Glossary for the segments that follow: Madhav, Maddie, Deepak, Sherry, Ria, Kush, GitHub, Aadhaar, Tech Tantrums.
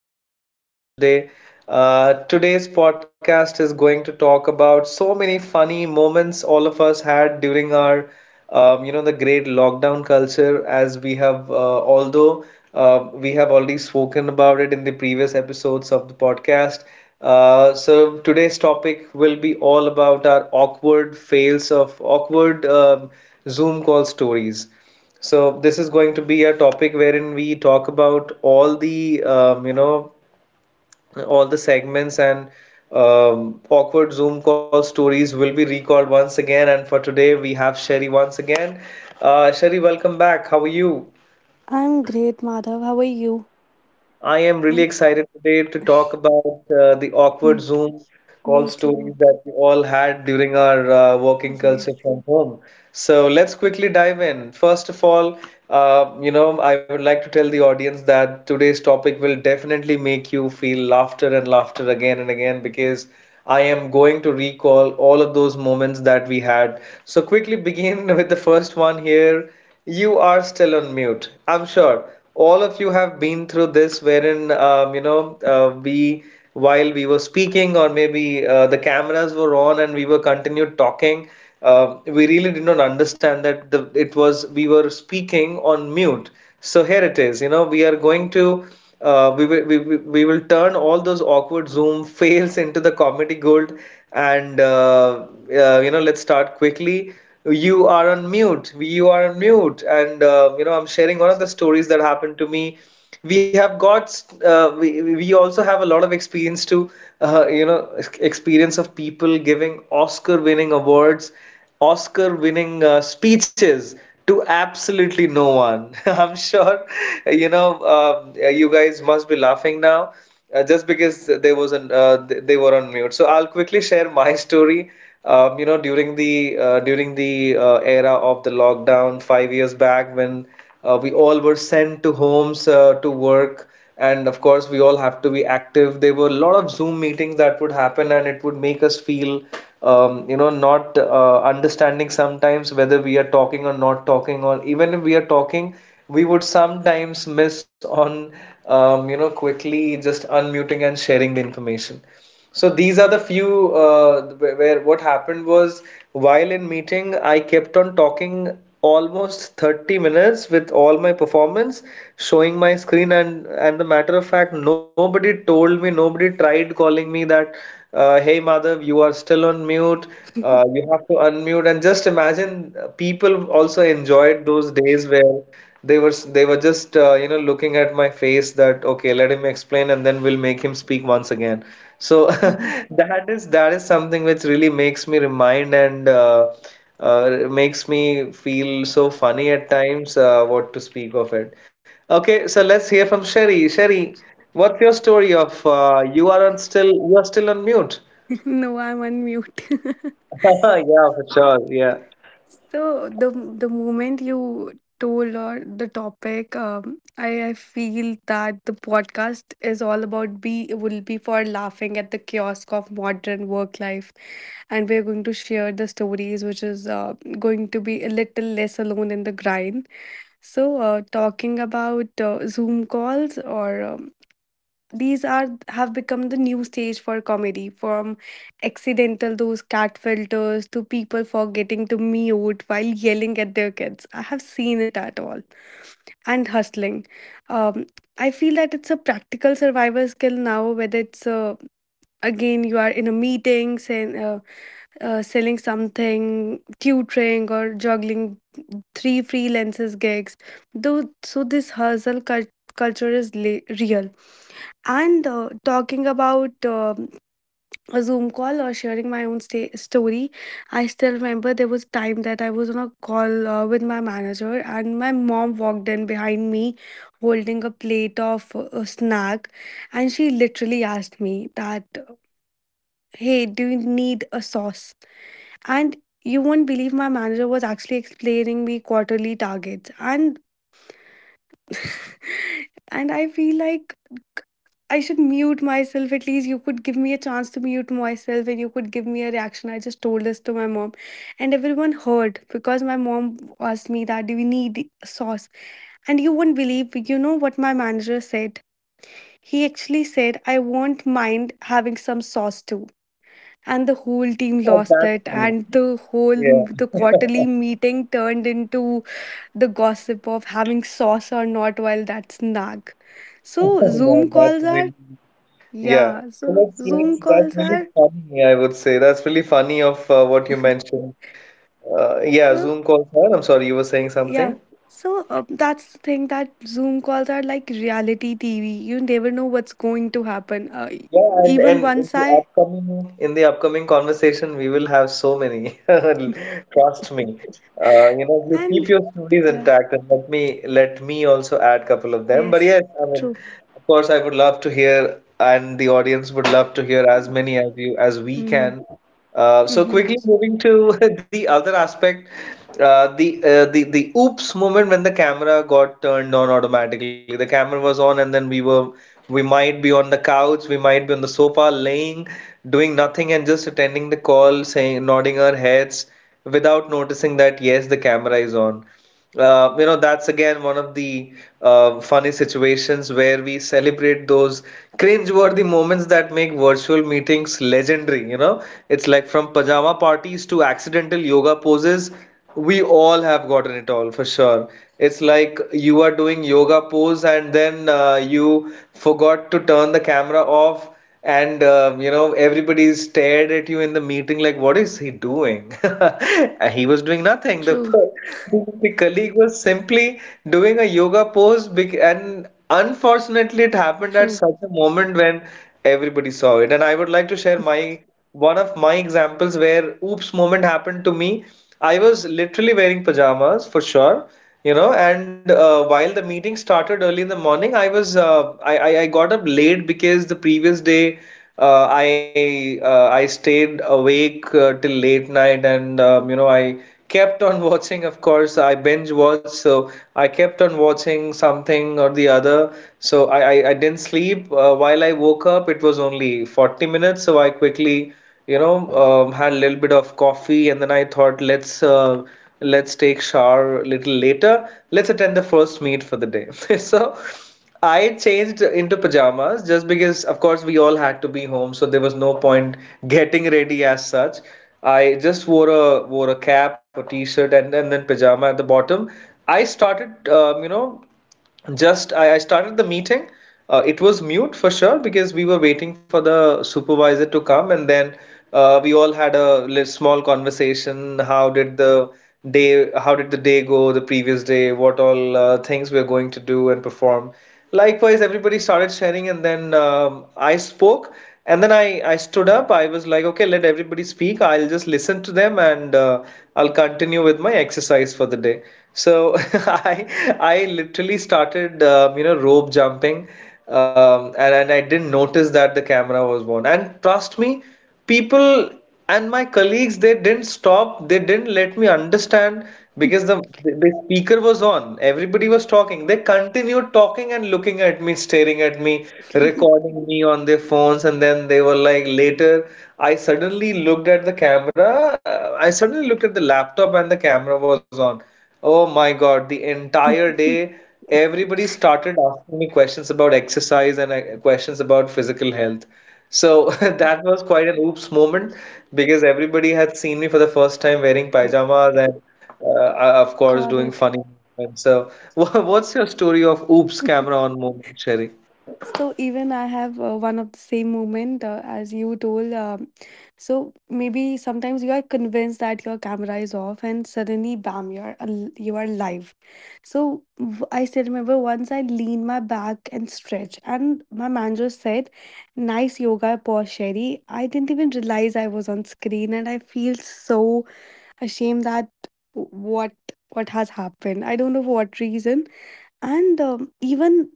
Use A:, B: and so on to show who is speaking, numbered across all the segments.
A: to the another podcast today. Today's podcast is going to talk about so many funny moments all of us had during our, the great lockdown culture. As we have, although we have already spoken about it in the previous episodes of the podcast. So today's topic will be all about our awkward fails of awkward Zoom call stories. So this is going to be a topic wherein we talk about all the all the segments and awkward Zoom call stories will be recalled once again. And for today, we have Sherry once again. Sherry, welcome back. How are you?
B: I'm great, Madhav. How are you?
A: I am really
B: And
A: excited today to talk about the
B: Mm,
A: awkward Zoom
B: me
A: call
B: too.
A: stories that we all had during our working
B: Yes.
A: culture from home. So let's quickly dive in. First of all, I would like to tell the audience that today's topic will definitely make you feel laughter and laughter again and again, because I am going to recall all of those moments that we had. So quickly begin with the first one here. You are still on mute. I'm sure all of you have been through this, wherein you know we while we were speaking, or maybe the cameras were on and we were continued talking. We really did not understand that the it was we were speaking on mute. So here it is. You know, we are going to we will we will turn all those awkward Zoom fails into the comedy gold, and you know, let's start quickly. You are on mute, you are on mute, and you know, I'm sharing one of the stories that happened to me. We have got uh, we also have a lot of experience to uh, you know experience of people giving Oscar winning awards, Oscar winning speeches to absolutely no one. I'm sure, you know um, you guys must be laughing now just because they was an they were on mute. So I'll quickly share my story. You know, during the era of the lockdown, 5 years back, when we all were sent to homes to work, and of course we all have to be active. There were a lot of Zoom meetings that would happen, and it would make us feel, not understanding sometimes whether we are talking or not talking, or even if we are talking, we would sometimes miss on, quickly just unmuting and sharing the information. So these are the few where what happened was, while in meeting, I kept on talking almost 30 minutes with all my performance, showing my screen, and the matter of fact, nobody told me, nobody tried calling me that, hey Madhav, you are still on mute. You have to unmute. And just imagine, people also enjoyed those days where they were just looking at my face that, okay, let him explain and then we'll make him speak once again. So that is something which really makes me remind and makes me feel so funny at times, what to speak of it. Okay, so let's hear from Sherry. Sherry, what's your story of you are still on mute?
B: No, I'm on mute.
A: Yeah, for sure. Yeah.
B: So the moment you told or the topic, I feel that the podcast is all about be will be for laughing at the kiosk of modern work life, and we're going to share the stories, which is going to be a little less alone in the grind. So, talking about Zoom calls or these are have become the new stage for comedy, from accidental those cat filters to people forgetting to mute while yelling at their kids. I have seen it at all. And hustling. Um, I feel that it's a practical survival skill now, whether it's again you are in a meeting, say, selling something, tutoring, or juggling three freelances gigs. Though, so this hustle culture is real and talking about a Zoom call or sharing my own sta story, I still remember there was time that I was on a call with my manager, and my mom walked in behind me, holding a plate of a snack, and she literally asked me that, "Hey, do you need a sauce?" And you won't believe my manager was actually explaining me quarterly targets, and and I feel like I should mute myself. At least you could give me a chance to mute myself and you could give me a reaction. I just told this to my mom, and everyone heard because my mom asked me that, do we need sauce? And you wouldn't believe, you know what my manager said? He actually said, I won't mind having some sauce too. And the whole team lost
A: That's
B: it,
A: funny.
B: and the whole
A: Yeah.
B: the quarterly meeting turned into the gossip of having sauce or not while that's nag. So Zoom
A: That's
B: calls are
A: really yeah.
B: yeah.
A: So
B: So
A: let's
B: Zoom
A: let's that's
B: calls
A: really
B: are
A: funny, I would say. That's really funny of what you mentioned. Yeah,
B: so
A: Zoom calls are. I'm sorry, you were saying
B: yeah.
A: something.
B: So that's the thing that Zoom calls are like reality TV. You never know what's going to happen.
A: Yeah,
B: Even
A: and
B: once I
A: in the upcoming conversation, we will have so many. Trust me. You know, you
B: I'm.
A: keep your stories
B: Yeah,
A: intact, and let me also add couple of them. But
B: yes,
A: yes, I mean,
B: true.
A: of course, I would love to hear, and the audience would love to hear as many as you as we
B: Mm-hmm.
A: can. So
B: Mm-hmm,
A: quickly moving to the other aspect, the oops moment when the camera got turned on automatically. The camera was on, and then we were, we might be on the couch, we might be on the sofa, laying, doing nothing, and just attending the call, saying nodding our heads without noticing that yes, the camera is on. That's again one of the funny situations where we celebrate those cringe-worthy moments that make virtual meetings legendary. You know, it's like from pajama parties to accidental yoga poses. We all have gotten it all for sure. It's like you are doing yoga pose, and then you forgot to turn the camera off, and everybody stared at you in the meeting like, what is he doing? And he was doing nothing.
B: true,
A: The colleague was simply doing a yoga pose, and unfortunately, it happened at
B: true.
A: such a moment when everybody saw it. And I would like to share my one of my examples where oops moment happened to me. I was literally wearing pajamas for sure, you know. And while the meeting started early in the morning, I was I got up late because the previous day I stayed awake till late night, and I kept on watching, of course I binge watched, so I kept on watching something or the other. So I didn't sleep. While I woke up, it was only 40 minutes, so I quickly, you know had a little bit of coffee, and then I thought, let's let's take shower a little later. Let's attend the first meet for the day. So I changed into pajamas, just because of course we all had to be home, so there was no point getting ready as such. I just wore a wore a cap, a t-shirt, and then pajama at the bottom. I started, Just I started the meeting. It was mute for sure because we were waiting for the supervisor to come, and then we all had a little small conversation. How did the day? How did the day go? The previous day? What all things we are going to do and perform? Likewise, everybody started sharing, and then I spoke, and then I stood up. I was like, okay, let everybody speak. I'll just listen to them, and I'll continue with my exercise for the day. So I I literally started rope jumping, and I didn't notice that the camera was on. And trust me, people and my colleagues, they didn't stop, they didn't let me understand because the speaker was on, everybody was talking, they continued talking and looking at me, staring at me, recording me on their phones, and then they were like later, I suddenly looked at the camera, I suddenly looked at the laptop, and the camera was on. Oh my God, the entire day everybody started asking me questions about exercise and questions about physical health. So that was quite an oops moment, because everybody had seen me for the first time wearing pajamas, and, of course,
B: Got
A: doing
B: it.
A: funny movements. So, what's your story of oops camera on moment, Sherry?
B: So even I have one of the same moment as you told. So maybe sometimes you are convinced that your camera is off, and suddenly, bam, you are you are live. So I still remember once I leaned my back and stretched, and my manager said, "Nice yoga pose, Sherry." I didn't even realize I was on screen, and I feel so ashamed that w- what what has happened. I don't know for what reason, and even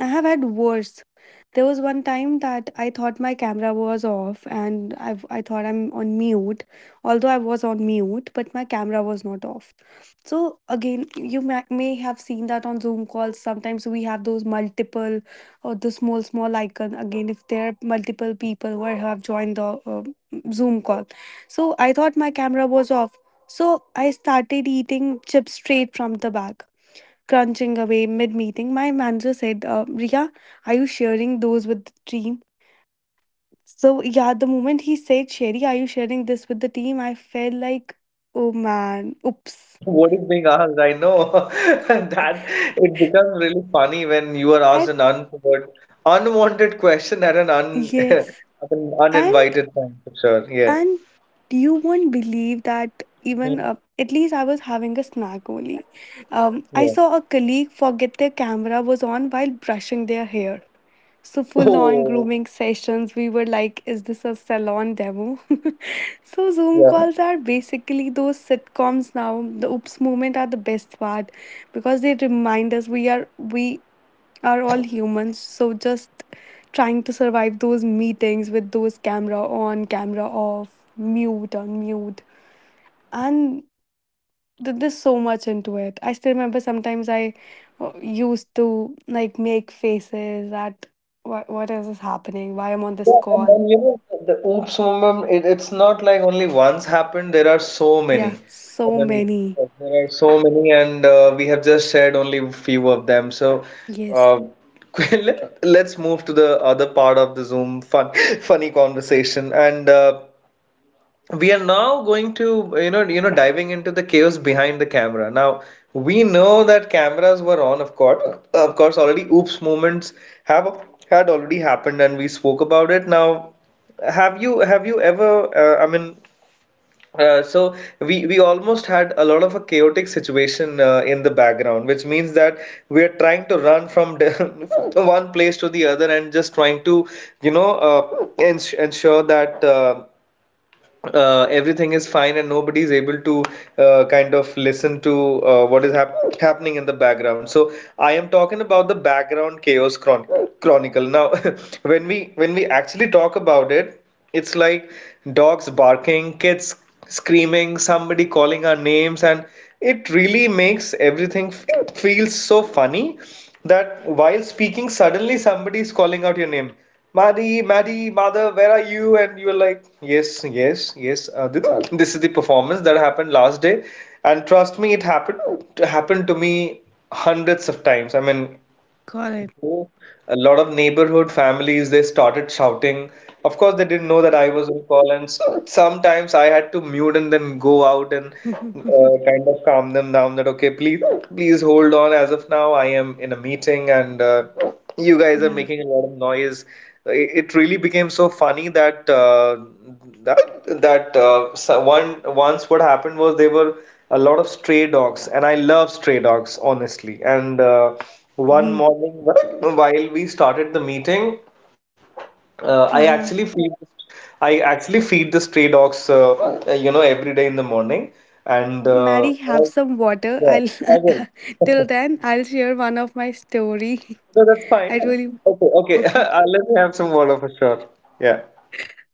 B: I have had worse. There was one time that I thought my camera was off and I thought I'm on mute, although I was on mute, but my camera was not off. So, again, you may have seen that on Zoom calls. Sometimes we have those multiple or the small, small icon. Again, if there are multiple people who have joined the Zoom call. So, I thought my camera was off. So, I started eating chips straight from the bag crunching away mid meeting, my manager said, Ria, are you sharing those with the team? So, yeah, the moment he said, Sherry, are you sharing this with the team? I felt like, oh man, oops.
A: What is being asked? I know that it becomes really funny when you are asked
B: And
A: an unwanted question at an
B: yes.
A: at an
B: And
A: uninvited time, for sure. Yeah.
B: And you won't believe that even
A: Mhm.
B: at least I was having a snack only.
A: Yeah.
B: I saw a colleague forget their camera was on while brushing their hair. So full on
A: Oh,
B: grooming sessions. We were like, is this a salon demo? So Zoom
A: yeah.
B: calls are basically those sitcoms now. The oops moment are the best part because they remind us we are all humans so just trying to survive those meetings with those camera on camera off mute on mute and there's so much into it. I still remember sometimes I used to like make faces at what is this happening why I'm on this
A: Yeah,
B: call.
A: and you know, the oops moment, it's not like only once happened, there are so
B: Yeah,
A: many. I
B: so
A: mean,
B: many.
A: there are so many, and we have just shared only a few of them. So,
B: Yes,
A: uh, let's move to the other part of the Zoom fun, funny conversation. And we are now going to diving into the chaos behind the camera now. We know that cameras were on, of course, already oops moments have had already happened, and we spoke about it. Now, have you ever uh, so we almost had a lot of a chaotic situation in the background, which means that we are trying to run from one place to the other, and just trying to ensure that everything is fine and nobody is able to kind of listen to what is happening in the background. So I am talking about the background chaos chronicle. Now, when we actually talk about it, it's like dogs barking, kids screaming, somebody calling our names, and it really makes everything f feels so funny that while speaking, suddenly somebody is calling out your name. Maddie, Maddie, mother, where are you? And you were like, yes, yes, yes. This, this is the performance that happened last day, and trust me, it happened to me hundreds of times. I mean,
B: got it.
A: a lot of neighborhood families they started shouting. Of course, they didn't know that I was on call, and sometimes I had to mute and then go out and kind of calm them down. That okay, please, please hold on. As of now, I am in a meeting and. You guys are
B: Yeah.
A: making a lot of noise. It really became so funny that that that so one once what happened was there were a lot of stray dogs, and I love stray dogs, honestly. And One
B: Mhm.
A: morning, while we started the meeting, uh, I actually
B: Yeah.
A: feed I actually feed the stray dogs, every day in the morning, and
B: Maddie, have
A: I,
B: some water. I'll
A: yeah, I will.
B: till then I'll share one of my story.
A: No, that's fine.
B: I really
A: Okay, okay.
B: okay.
A: Let me have some water for sure. Yeah.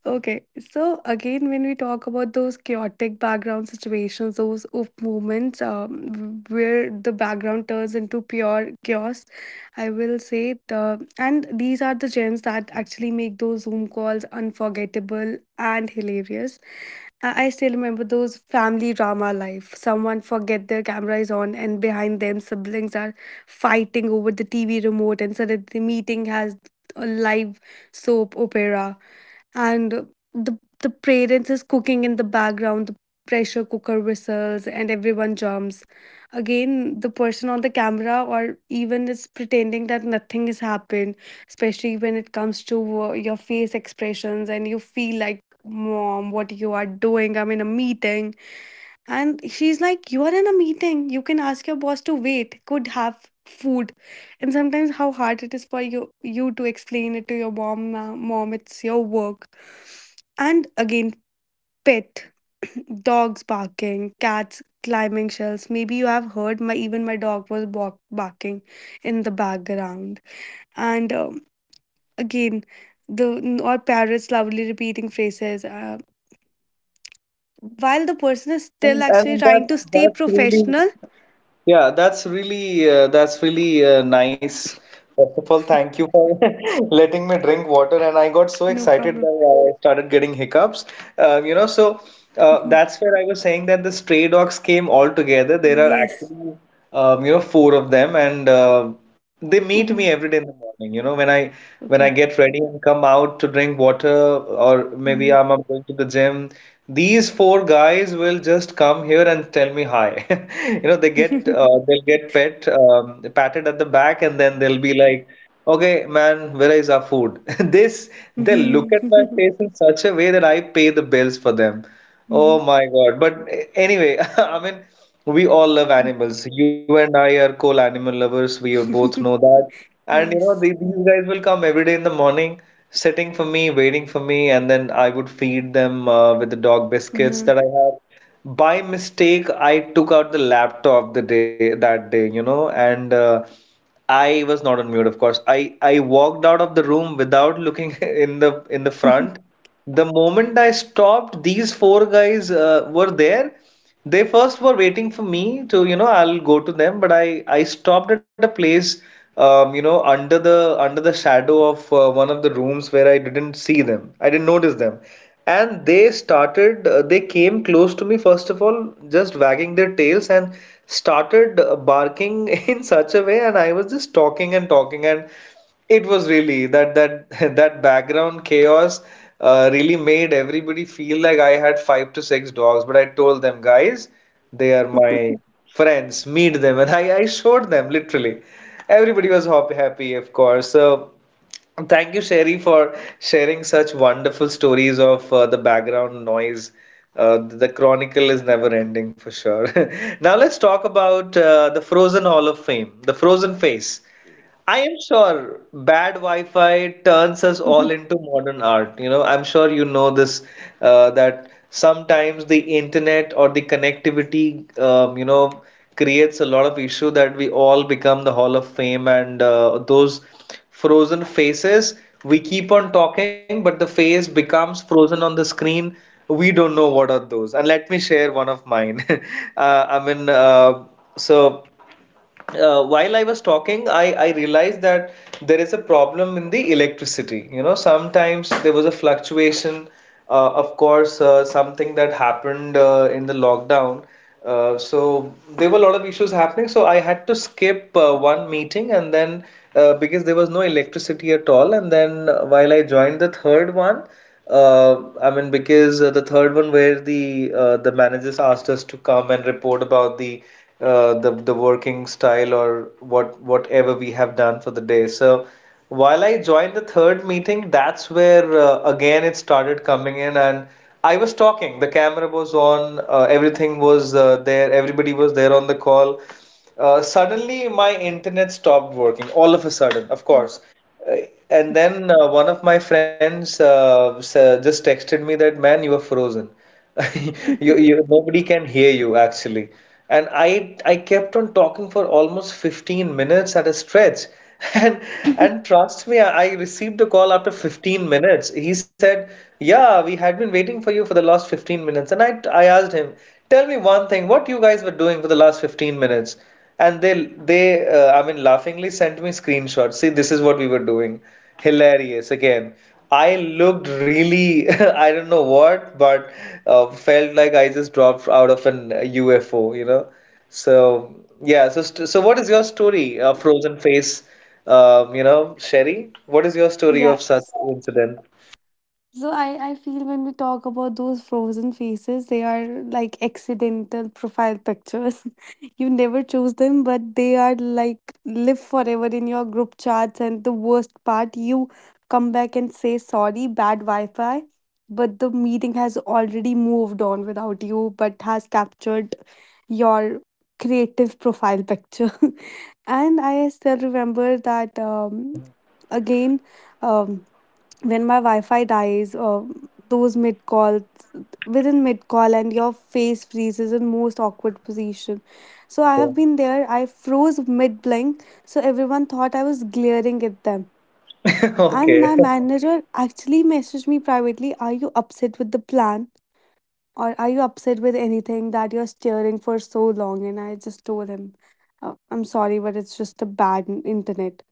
B: Okay, so again, when we talk about those chaotic background situations, those of moments where the background turns into pure chaos, I will say the and these are the gems that actually make those Zoom calls unforgettable and hilarious. I still remember those family drama life. Someone forget their camera is on, and behind them, siblings are fighting over the TV remote, and suddenly the meeting has a live soap opera and the parents is cooking in the background, the pressure cooker whistles and everyone jumps. Again, the person on the camera or even is pretending that nothing has happened, especially when it comes to your face expressions and you feel like, mom, what you are doing, I'm in a meeting. And she's like, you are in a meeting. You can ask your boss to wait. Could have food. And sometimes how hard it is for you to explain it to your mom. Mom, it's your work. And again, pet. Dogs barking, cats climbing shelves. Maybe you have heard my even my dog was barking in the background. And again, the or parrots loudly repeating phrases. While the person is still
A: And
B: actually
A: and
B: trying
A: that's
B: to stay
A: that's really,
B: professional.
A: yeah, that's really nice. First of all, thank you for letting me drink water, and I got so
B: No
A: excited
B: problem.
A: that I started getting hiccups. Uh, you know, so
B: Mhm.
A: that's where I was saying that the stray dogs came all together. There are
B: Yes.
A: actually four of them, and they meet me
B: Mhm.
A: every day in the morning, you know, when I
B: Okay.
A: get ready and come out to drink water or maybe
B: Mhm.
A: I'm going to the gym. These four guys will just come here and tell me hi. You know they get they'll get pet patted at the back and then they'll be like, okay man, where is our food? this They look at my
B: Mhm.
A: face in such a way that I pay the bills for them.
B: Mhm.
A: Oh my God. But anyway, I mean, we all love animals. You and I are cool animal lovers. We are both know that. And you know,
B: Yes.
A: these guys will come every day in the morning, sitting for me, waiting for me, and then I would feed them with the dog biscuits
B: Uh-huh.
A: that I have. By mistake I took out the laptop the day that day, you know, and I was not on mute, of course. I walked out of the room without looking in the front. The moment I stopped, these four guys were there. They first were waiting for me to, you know, I'll go to them, but I stopped at a place, you know, under the shadow of one of the rooms where I didn't see them. I didn't notice them. And they came close to me, first of all, just wagging their tails and started barking in such a way. And I was just talking and talking. And it was really that that that background chaos really made everybody feel like I had five to six dogs. But I told them, guys, they are my friends. Meet them, and I showed them literally. Everybody was happy, of course. So thank you, Sherry, for sharing such wonderful stories of the background noise. The chronicle is never ending for sure. Now let's talk about the Frozen Hall of Fame, the Frozen face. I am sure bad Wi-Fi turns us all into modern art. You know, I'm sure you know this that sometimes the internet or the connectivity, you know, creates a lot of issue that we all become the Hall of Fame and those frozen faces. We keep on talking, but the face becomes frozen on the screen. We don't know what are those. And let me share one of mine. uh, I mean, uh, so while I was talking, I realized that there is a problem in the electricity. You know, sometimes there was a fluctuation. Of course, something that happened in the lockdown. So there were a lot of issues happening. So I had to skip one meeting and then because there was no electricity at all. And then while I joined the third one, I mean, because the third one where the managers asked us to come and report about the working style or whatever we have done for the day. So while I joined the third meeting, that's where again it started coming in, and I was talking. The camera was on, everything was there, everybody was there on the call. Suddenly, my internet stopped working all of a sudden, of course. Uh, And then one of my friends just texted me that, man, you are frozen. Nobody can hear you actually. And I kept on talking for almost 15 minutes at a stretch. And, and trust me, I received a call after 15 minutes. He said, yeah, we had been waiting for you for the last 15 minutes. And I asked him, tell me one thing, what you guys were doing for the last 15 minutes? And they I mean laughingly sent me screenshots. See, this is what we were doing. Hilarious again. I looked really, I don't know what, but felt like I just dropped out of an UFO, you know. So yeah, so st so what is your story of frozen face? You know, Sherry, what is your story
B: Yeah.
A: of such incident?
B: So I feel when we talk about those frozen faces, they are like accidental profile pictures. You never choose them, but they are like live forever in your group chats. And the worst part, you come back and say sorry, bad Wi Fi, but the meeting has already moved on without you, but has captured your creative profile picture. And I still remember that
A: Yeah.
B: again. Um, when my Wi-Fi dies, those mid calls within mid call and your face freezes in most awkward position. So I
A: Yeah.
B: have been there. I froze mid blink, so everyone thought I was glaring at them. And
A: Okay.
B: my manager actually messaged me privately, "Are you upset with the plan, or are you upset with anything that you're steering for so long?" And I just told him, "I'm sorry, but it's just a bad internet."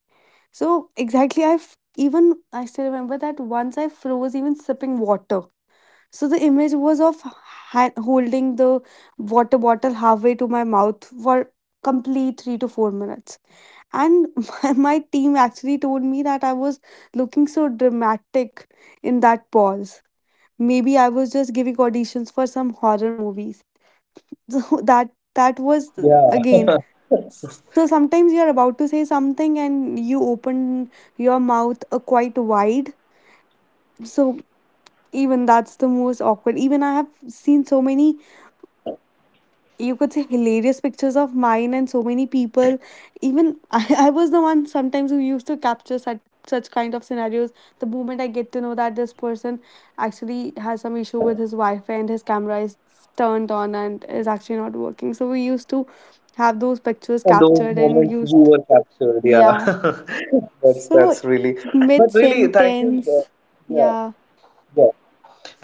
B: So exactly, even I still remember that once I froze even sipping water. So the image was of holding the water bottle halfway to my mouth for complete three to four minutes. And my team actually told me that I was looking so dramatic in that pause. Maybe I was just giving auditions for some horror movies. So that was
A: Yeah.
B: again so sometimes you're about to say something and you open your mouth quite wide. So even that's the most awkward. Even I have seen so many, you could say, hilarious pictures of mine and so many people. Even I was the one sometimes who used to capture such such kind of scenarios the moment I get to know that this person actually has some issue with his wi-fi and his camera is turned on and is actually not working, so we used to have those
A: And then
B: pictures
A: those
B: captured
A: moments
B: and
A: you were
B: used.
A: captured,
B: Yeah.
A: yeah. That's
B: So
A: that's really, but
B: mid
A: really, thank you. Uh,
B: sentence.
A: yeah,
B: Yeah.
A: yeah.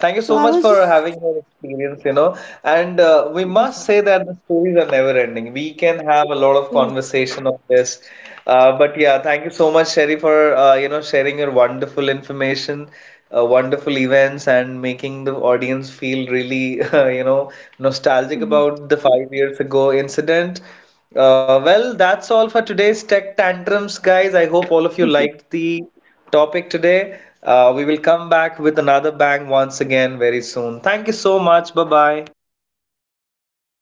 A: Thank you
B: So
A: so
B: I
A: much
B: was
A: for
B: just.
A: having your experience, you know. And we
B: Yes,
A: must
B: sir.
A: say that the stories are never ending. We can have a lot of
B: So,
A: conversation on this. But yeah, thank you so much, Sherry, for sharing your wonderful information, wonderful events, and making the audience feel really you know, nostalgic
B: mm-hmm.
A: about the 5 years ago incident. Well, that's all for today's Tech Tantrums, guys. I hope all of you liked the topic today. We will come back with another bang once again very soon. Thank you so much. Bye bye.
B: Bye bye.